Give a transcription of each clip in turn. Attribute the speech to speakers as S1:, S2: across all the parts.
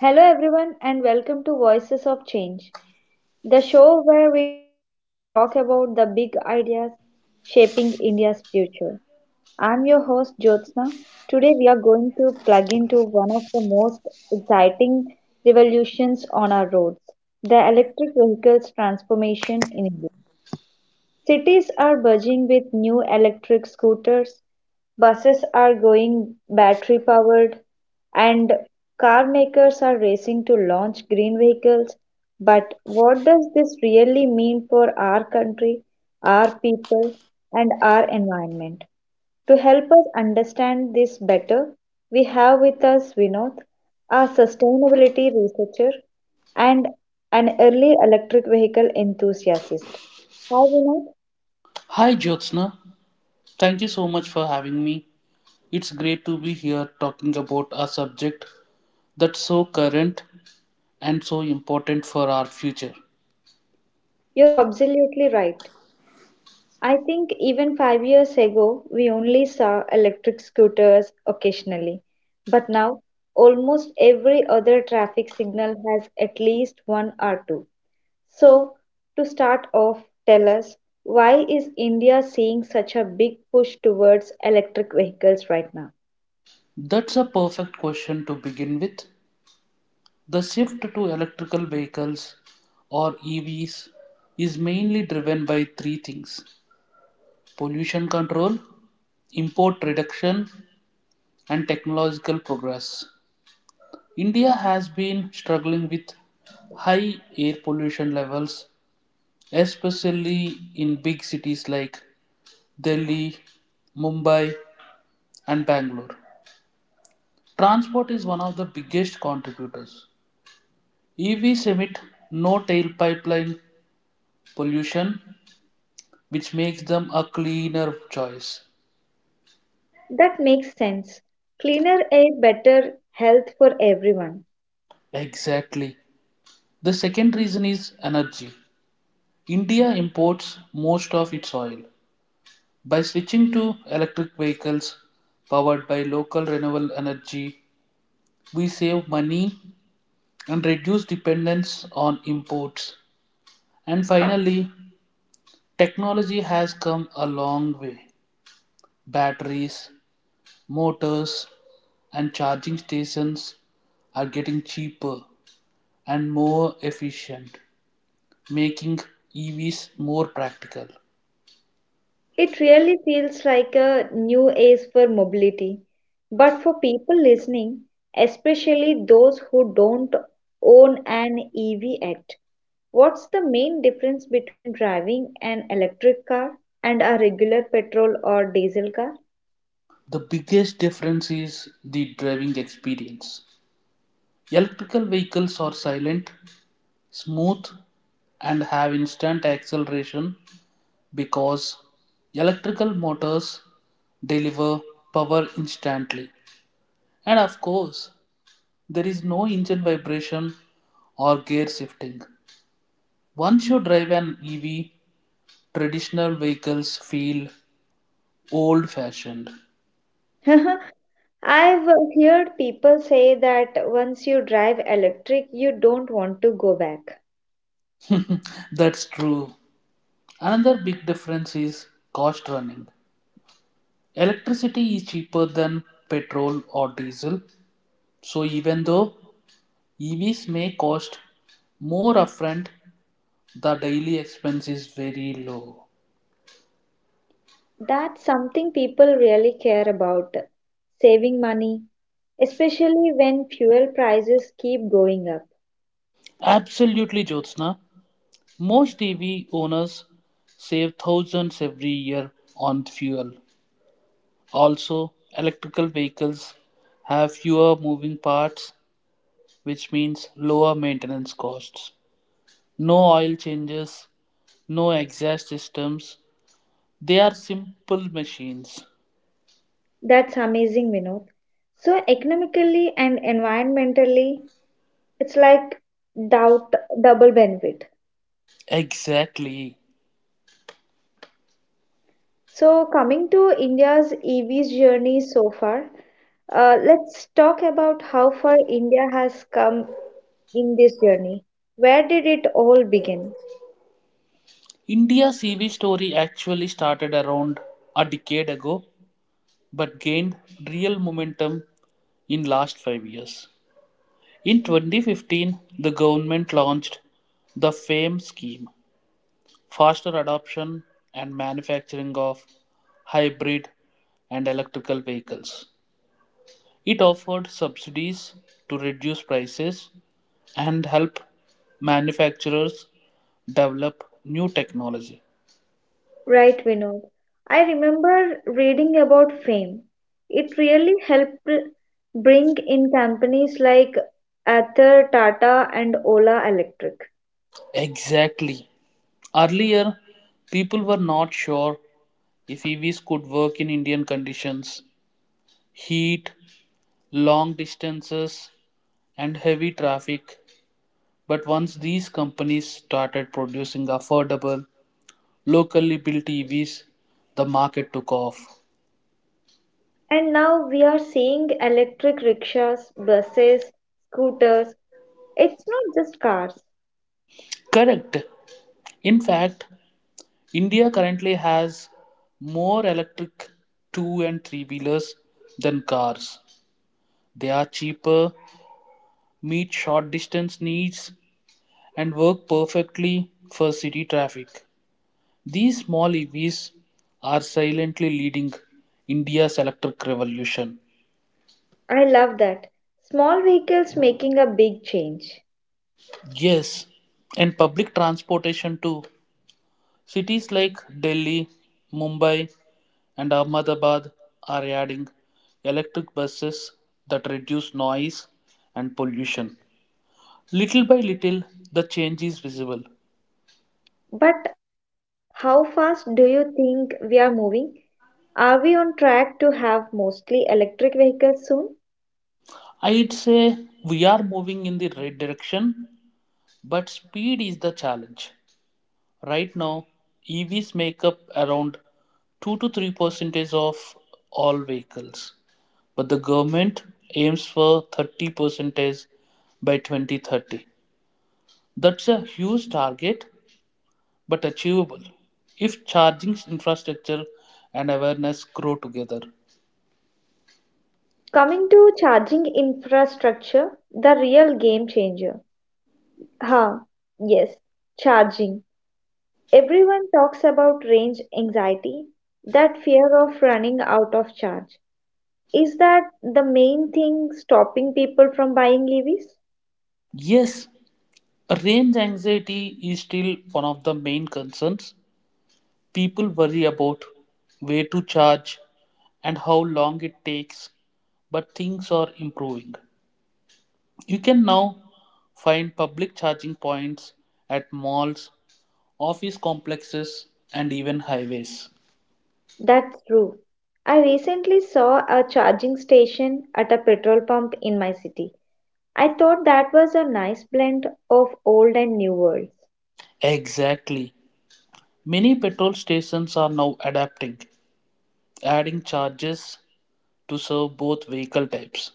S1: Hello, everyone, and welcome to Voices of Change, the show where we talk about the big ideas shaping India's future. I'm your host, Jyotsna. Today, we are going to plug into one of the most exciting revolutions on our roads, the electric vehicles transformation in India. Cities are buzzing with new electric scooters, buses are going battery powered, and car makers are racing to launch green vehicles. But what does this really mean for our country, our people, and our environment? To help us understand this better, we have with us Vinod, a sustainability researcher and an early electric vehicle enthusiast. Hi, Vinod.
S2: Hi Jyotsna, thank you so much for having me. It's great to be here talking about a subject that's so current and so important for our future.
S1: You're absolutely right. I think even 5 years ago, we only saw electric scooters occasionally. But now, almost every other traffic signal has at least one or two. So, to start off, tell us, why is India seeing such a big push towards electric vehicles right now?
S2: That's a perfect question to begin with. The shift to electrical vehicles or EVs is mainly driven by three things pollution control, import reduction, and technological progress. India has been struggling with high air pollution levels especially in big cities like Delhi, Mumbai, and Bangalore. Transport is one of the biggest contributors. EVs emit no tailpipe pollution, which makes them a cleaner choice.
S1: That makes sense. Cleaner air, better health for everyone.
S2: Exactly. The second reason is energy. India imports most of its oil. By switching to electric vehicles powered by local renewable energy, we save money and reduce dependence on imports. And finally, technology has come a long way. Batteries, motors, and charging stations are getting cheaper and more efficient, making EVs more practical.
S1: It really feels like a new age for mobility. But for people listening, especially those who don't own an EV yet, what's the main difference between driving an electric car and a regular petrol or diesel car?
S2: The biggest difference is the driving experience. Electrical vehicles are silent, smooth, and have instant acceleration because electrical motors deliver power instantly. And of course, there is no engine vibration or gear shifting. Once you drive an EV, traditional vehicles feel old fashioned.
S1: I've heard people say that once you drive electric, you don't want to go back.
S2: That's true. Another big difference is cost running. Electricity is cheaper than petrol or diesel, so even though EVs may cost more upfront, the daily expense is very low.
S1: That's something people really care about, saving money, especially when fuel prices keep going up.
S2: Absolutely, Jyotsna. Most EV owners save thousands every year on fuel. Also, electrical vehicles have fewer moving parts, which means lower maintenance costs. No oil changes, no exhaust systems. They are simple machines.
S1: That's amazing, Vinod. So, economically and environmentally, it's like doubt double benefit.
S2: Exactly.
S1: So, coming to India's EV's journey so far, let's talk about how far India has come in this journey. Where did it all begin?
S2: India's EV story actually started around a decade ago but gained real momentum in last 5 years. In 2015, the government launched the FAME scheme, faster adoption and manufacturing of hybrid and electrical vehicles. It offered subsidies to reduce prices and help manufacturers develop new technology.
S1: Right, Vinod. I remember reading about fame. It really helped bring in companies like Ather, Tata, and Ola Electric.
S2: Exactly. Earlier, people were not sure if EVs could work in Indian conditions, heat, long distances and heavy traffic, but once these companies started producing affordable, locally built EVs, the market took off.
S1: And now we are seeing electric rickshaws, buses, scooters. It's not just cars.
S2: Correct. In fact, India currently has more electric two and three wheelers than cars. They are cheaper, meet short distance needs, and work perfectly for city traffic. These small EVs are silently leading India's electric revolution.
S1: I love that. Small vehicles making a big change.
S2: Yes, and public transportation too. Cities like Delhi, Mumbai, and Ahmedabad are adding electric buses that reduce noise and pollution. Little by little, the change is visible.
S1: But how fast do you think we are moving? Are we on track to have mostly electric vehicles soon?
S2: I'd say we are moving in the right direction, but speed is the challenge. Right now, EVs make up around 2 to 3 percentage of all vehicles, but the government aims for 30 percentage by 2030. That's a huge target, but achievable if charging infrastructure and awareness grow together.
S1: Coming to charging infrastructure, the real game changer. Ha, yes, charging. Everyone talks about range anxiety, that fear of running out of charge. Is that the main thing stopping people from buying EVs?
S2: Yes, range anxiety is still one of the main concerns. People worry about where to charge and how long it takes, but things are improving. You can now find public charging points at malls, office complexes, and even highways.
S1: That's true. I recently saw a charging station at a petrol pump in my city. I thought that was a nice blend of old and new world.
S2: Exactly. Many petrol stations are now adapting, adding charges to serve both vehicle types.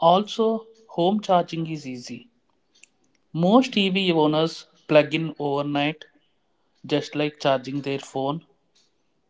S2: Also, home charging is easy. Most EV owners plug in overnight, just like charging their phone.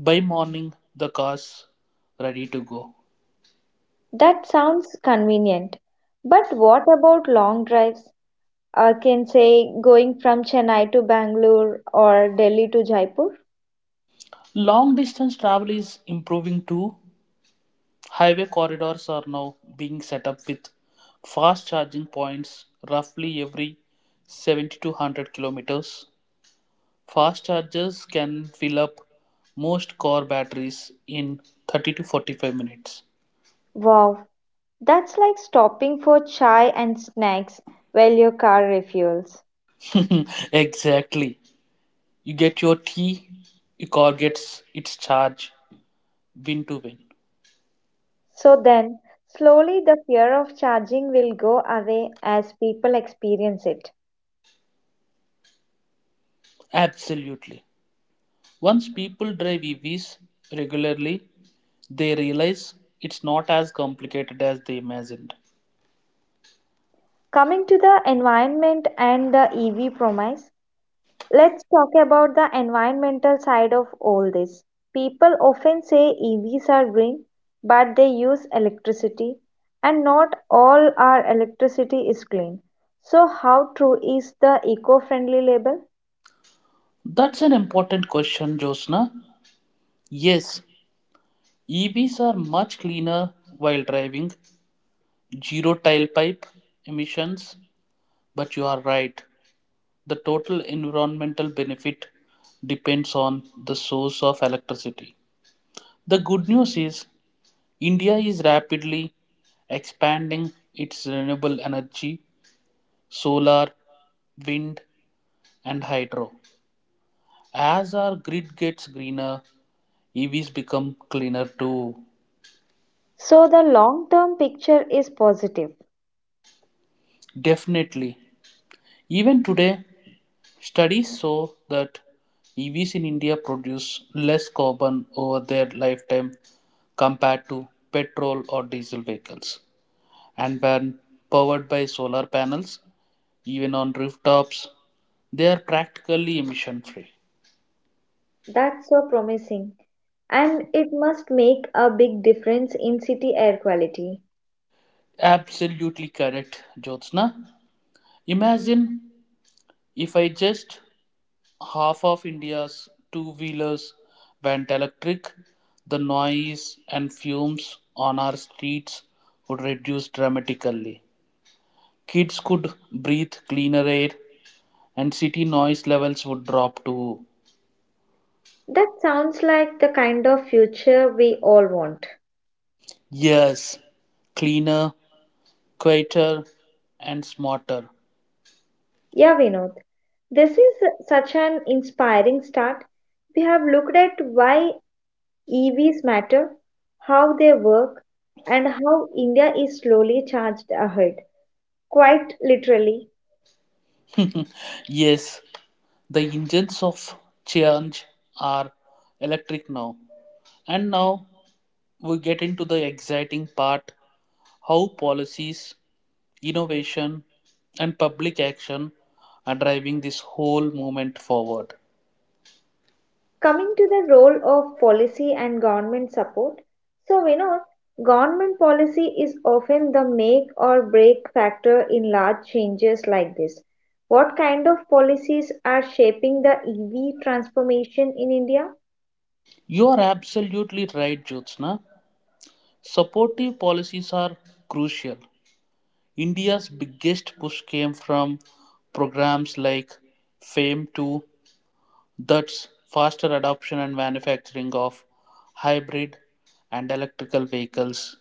S2: By morning, the car's ready to go.
S1: That sounds convenient. But what about long drives? I can say going from Chennai to Bangalore or Delhi to Jaipur.
S2: Long distance travel is improving too. Highway corridors are now being set up with fast charging points roughly every 70 to 100 kilometers. Fast chargers can fill up most car batteries in 30 to 45 minutes.
S1: Wow, that's like stopping for chai and snacks while your car refuels.
S2: Exactly. You get your tea, your car gets its charge, win to win.
S1: So then, slowly the fear of charging will go away as people experience it.
S2: Absolutely. Once people drive EVs regularly, they realize it's not as complicated as they imagined.
S1: Coming to the environment and the EV promise, let's talk about the environmental side of all this. People often say EVs are green, but they use electricity, and not all our electricity is clean. So, how true is the eco friendly label?
S2: That's an important question, Josna. Yes, EVs are much cleaner while driving, zero tailpipe emissions, but you are right. The total environmental benefit depends on the source of electricity. The good news is India is rapidly expanding its renewable energy solar, wind, and hydro. As our grid gets greener, EVs become cleaner too.
S1: So, the long term picture is positive.
S2: Definitely. Even today, studies show that EVs in India produce less carbon over their lifetime compared to petrol or diesel vehicles. And when powered by solar panels, even on rooftops, they are practically emission free.
S1: That's so promising. And it must make a big difference in city air quality.
S2: Absolutely correct, Jyotsna. Imagine if I just half of India's two wheelers went electric, the noise and fumes on our streets would reduce dramatically. Kids could breathe cleaner air and city noise levels would drop to.
S1: That sounds like the kind of future we all want.
S2: Yes, cleaner, quieter, and smarter.
S1: Yeah, Vinod, this is such an inspiring start. We have looked at why EVs matter, how they work, and how India is slowly charged ahead. Quite literally.
S2: Yes, the engines of change are electric now. And now we get into the exciting part how policies, innovation, and public action are driving this whole movement forward.
S1: Coming to the role of policy and government support. So, Vinod, government policy is often the make or break factor in large changes like this. What kind of policies are shaping the EV transformation in India?
S2: You are absolutely right, Jyotsna. Supportive policies are crucial. India's biggest push came from programs like FAME 2, that's faster adoption and manufacturing of hybrid and electrical vehicles.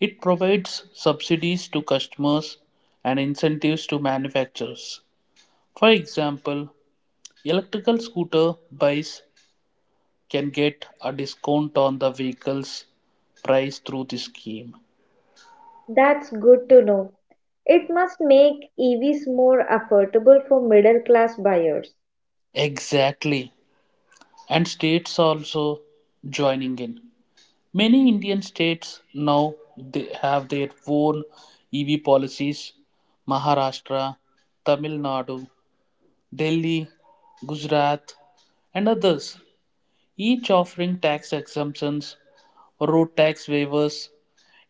S2: It provides subsidies to customers and incentives to manufacturers. For example, electrical scooter buys can get a discount on the vehicle's price through this scheme.
S1: That's good to know. It must make EVs more affordable for middle class buyers.
S2: Exactly. And states are also joining in. Many Indian states now they have their own EV policies. Maharashtra, Tamil Nadu, Delhi, Gujarat, and others, each offering tax exemptions, road tax waivers,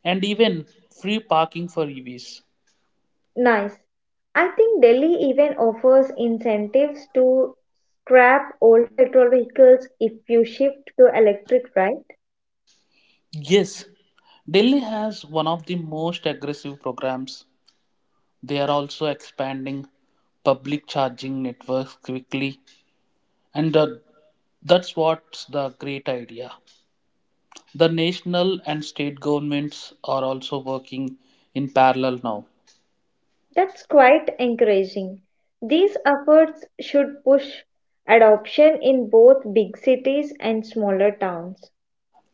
S2: and even free parking for EVs.
S1: Nice. I think Delhi even offers incentives to scrap old petrol vehicles if you shift to electric, right?
S2: Yes, Delhi has one of the most aggressive programs. They are also expanding public charging networks quickly, and that's what's the great idea. The national and state governments are also working in parallel now.
S1: That's quite encouraging. These efforts should push adoption in both big cities and smaller towns.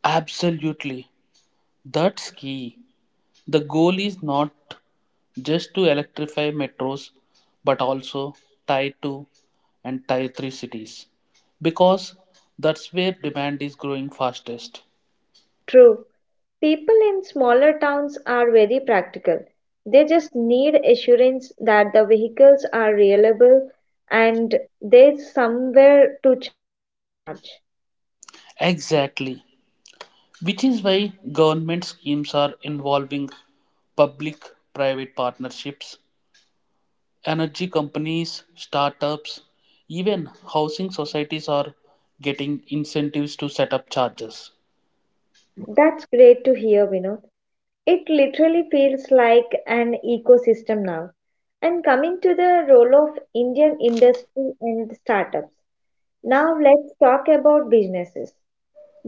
S2: Absolutely, that's key. The goal is not just to electrify metros but also Tier two and Tier three cities because that's where demand is growing fastest.
S1: True. People in smaller towns are very practical. They just need assurance that the vehicles are reliable and there's somewhere to charge.
S2: Exactly, which is why government schemes are involving public private partnerships. Energy companies, startups, even housing societies are getting incentives to set up chargers.
S1: That's great to hear, Vinod. It literally feels like an ecosystem now. And coming to the role of Indian industry and startups. Now let's talk about businesses.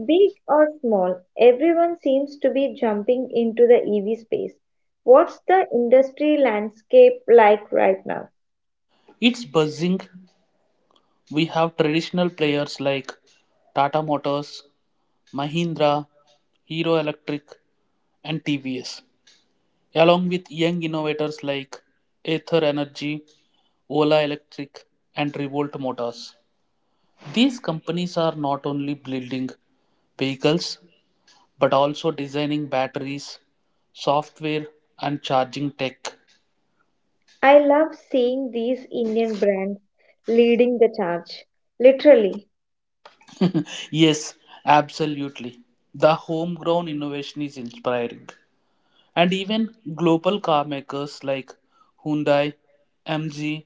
S1: Big or small, everyone seems to be jumping into the EV space. What's the industry landscape like right now?
S2: It's buzzing. We have traditional players like Tata Motors, Mahindra, Hero Electric, and TVS, along with young innovators like Aether Energy, Ola Electric, and Revolt Motors. These companies are not only building vehicles but also designing batteries, software, and charging tech.
S1: I love seeing these Indian brands leading the charge. Literally,
S2: Yes, absolutely. The homegrown innovation is inspiring. And even global car makers like Hyundai, MG,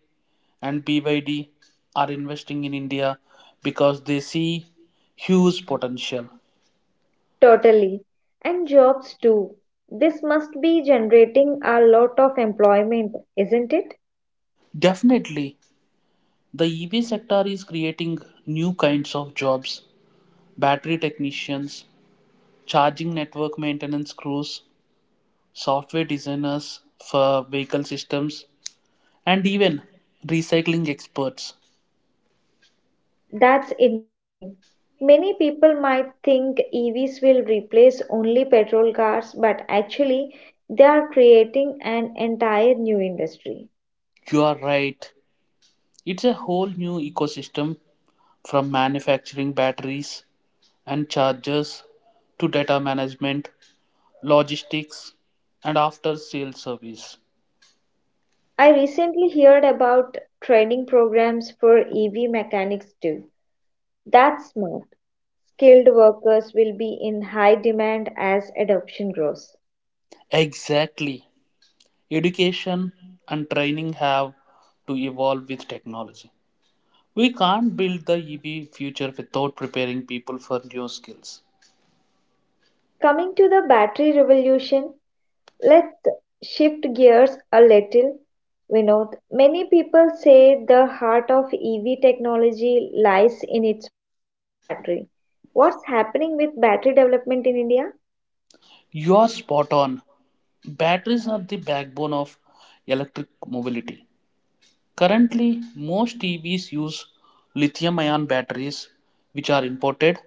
S2: and BYD are investing in India because they see huge potential.
S1: totally. And jobs too. This must be generating a lot of employment, isn't it?
S2: Definitely, the EV sector is creating new kinds of jobs battery technicians, charging network maintenance crews, software designers for vehicle systems, and even recycling experts.
S1: That's interesting. Many people might think EVs will replace only petrol cars, but actually, they are creating an entire new industry.
S2: You are right, it's a whole new ecosystem from manufacturing batteries and chargers to data management, logistics, and after sales service.
S1: I recently heard about training programs for EV mechanics too. That's smart. Skilled workers will be in high demand as adoption grows.
S2: Exactly. Education and training have to evolve with technology. We can't build the EV future without preparing people for new skills.
S1: Coming to the battery revolution, let's shift gears a little, Vinod. Many people say the heart of EV technology lies in its battery. What's happening with battery development in India?
S2: You are spot on. Batteries are the backbone of electric mobility. Currently, most TVs use lithium ion batteries, which are imported,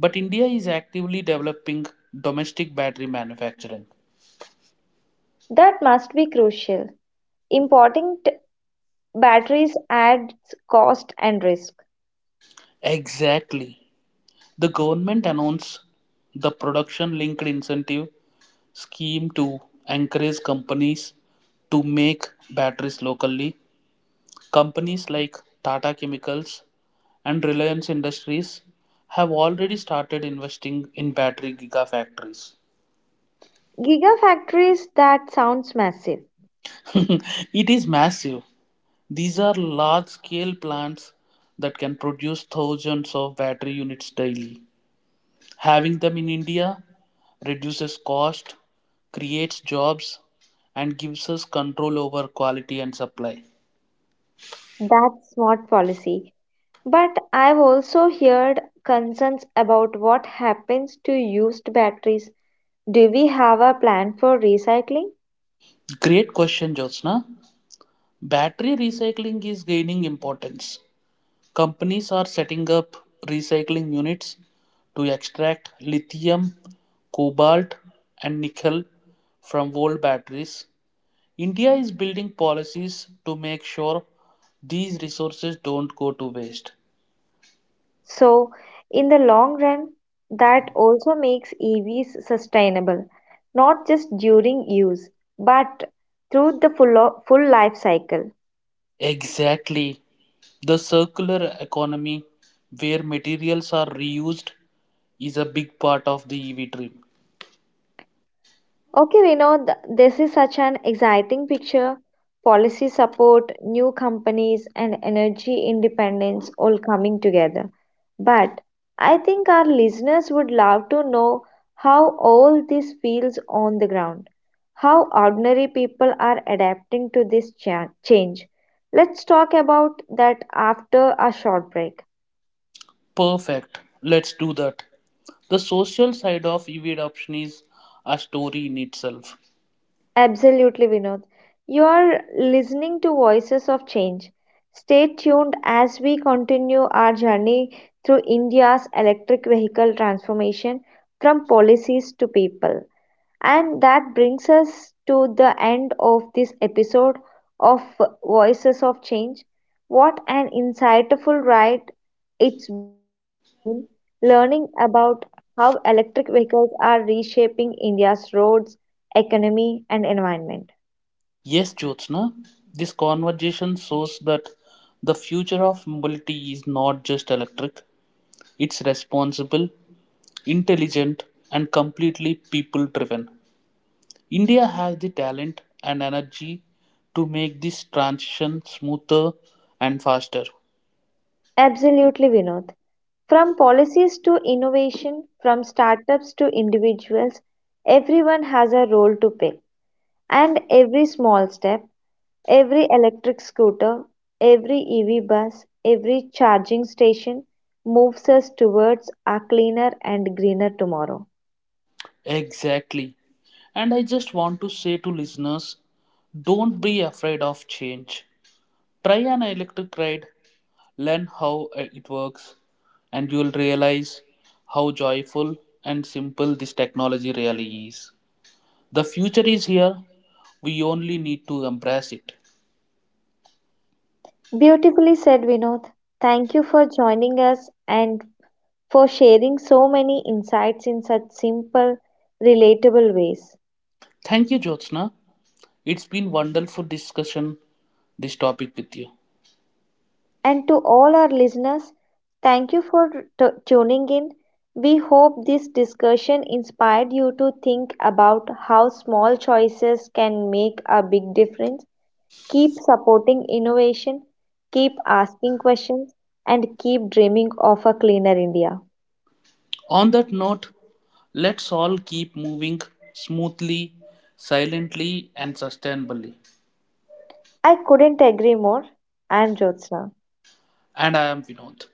S2: but India is actively developing domestic battery manufacturing.
S1: That must be crucial. Importing batteries adds cost and risk.
S2: Exactly. The government announced the production linked incentive scheme to encourage companies to make batteries locally. Companies like Tata Chemicals and Reliance Industries have already started investing in battery gigafactories.
S1: Gigafactories, that sounds massive.
S2: It is massive. These are large-scale plants that can produce thousands of battery units daily. Having them in India reduces cost, creates jobs, and gives us control over quality and supply.
S1: That's smart policy. But I've also heard concerns about what happens to used batteries. Do we have a plan for recycling?
S2: Great question, Jyotsna. Battery recycling is gaining importance. Companies are setting up recycling units to extract lithium, cobalt, and nickel from old batteries. India is building policies to make sure these resources don't go to waste.
S1: So, in the long run, that also makes EVs sustainable, not just during use, but through the full life cycle.
S2: Exactly. The circular economy, where materials are reused, is a big part of the EV dream.
S1: Okay, Vinod, this is such an exciting picture. Policy support, new companies, and energy independence all coming together. But I think our listeners would love to know how all this feels on the ground, how ordinary people are adapting to this change. Let's talk about that after a short break.
S2: Perfect. Let's do that. The social side of EV adoption is a story in itself.
S1: Absolutely, Vinod. You are listening to Voices of Change. Stay tuned as we continue our journey through India's electric vehicle transformation, from policies to people. And that brings us to the end of this episode of Voices of Change. What an insightful ride it's been learning about how electric vehicles are reshaping India's roads, economy, and environment.
S2: Yes, Jyotsna, this conversation shows that the future of mobility is not just electric, it's responsible, intelligent, and completely people driven. India has the talent and energy to make this transition smoother and faster.
S1: Absolutely, Vinod. From policies to innovation, from startups to individuals, everyone has a role to play. And every small step, every electric scooter, every EV bus, every charging station moves us towards a cleaner and greener tomorrow.
S2: Exactly. And I just want to say to listeners don't be afraid of change. Try an electric ride, learn how it works, and you will realize how joyful and simple this technology really is. The future is here, we only need to embrace it.
S1: Beautifully said, Vinod. Thank you for joining us and for sharing so many insights in such simple, relatable ways.
S2: Thank you, Jyotsna. It's been wonderful discussion this topic with you.
S1: And to all our listeners, thank you for tuning in. We hope this discussion inspired you to think about how small choices can make a big difference. Keep supporting innovation, keep asking questions, and keep dreaming of a cleaner India.
S2: On that note, let's all keep moving smoothly, silently, and sustainably.
S1: I couldn't agree more. I'm Jyotsna.
S2: And I am Vinod.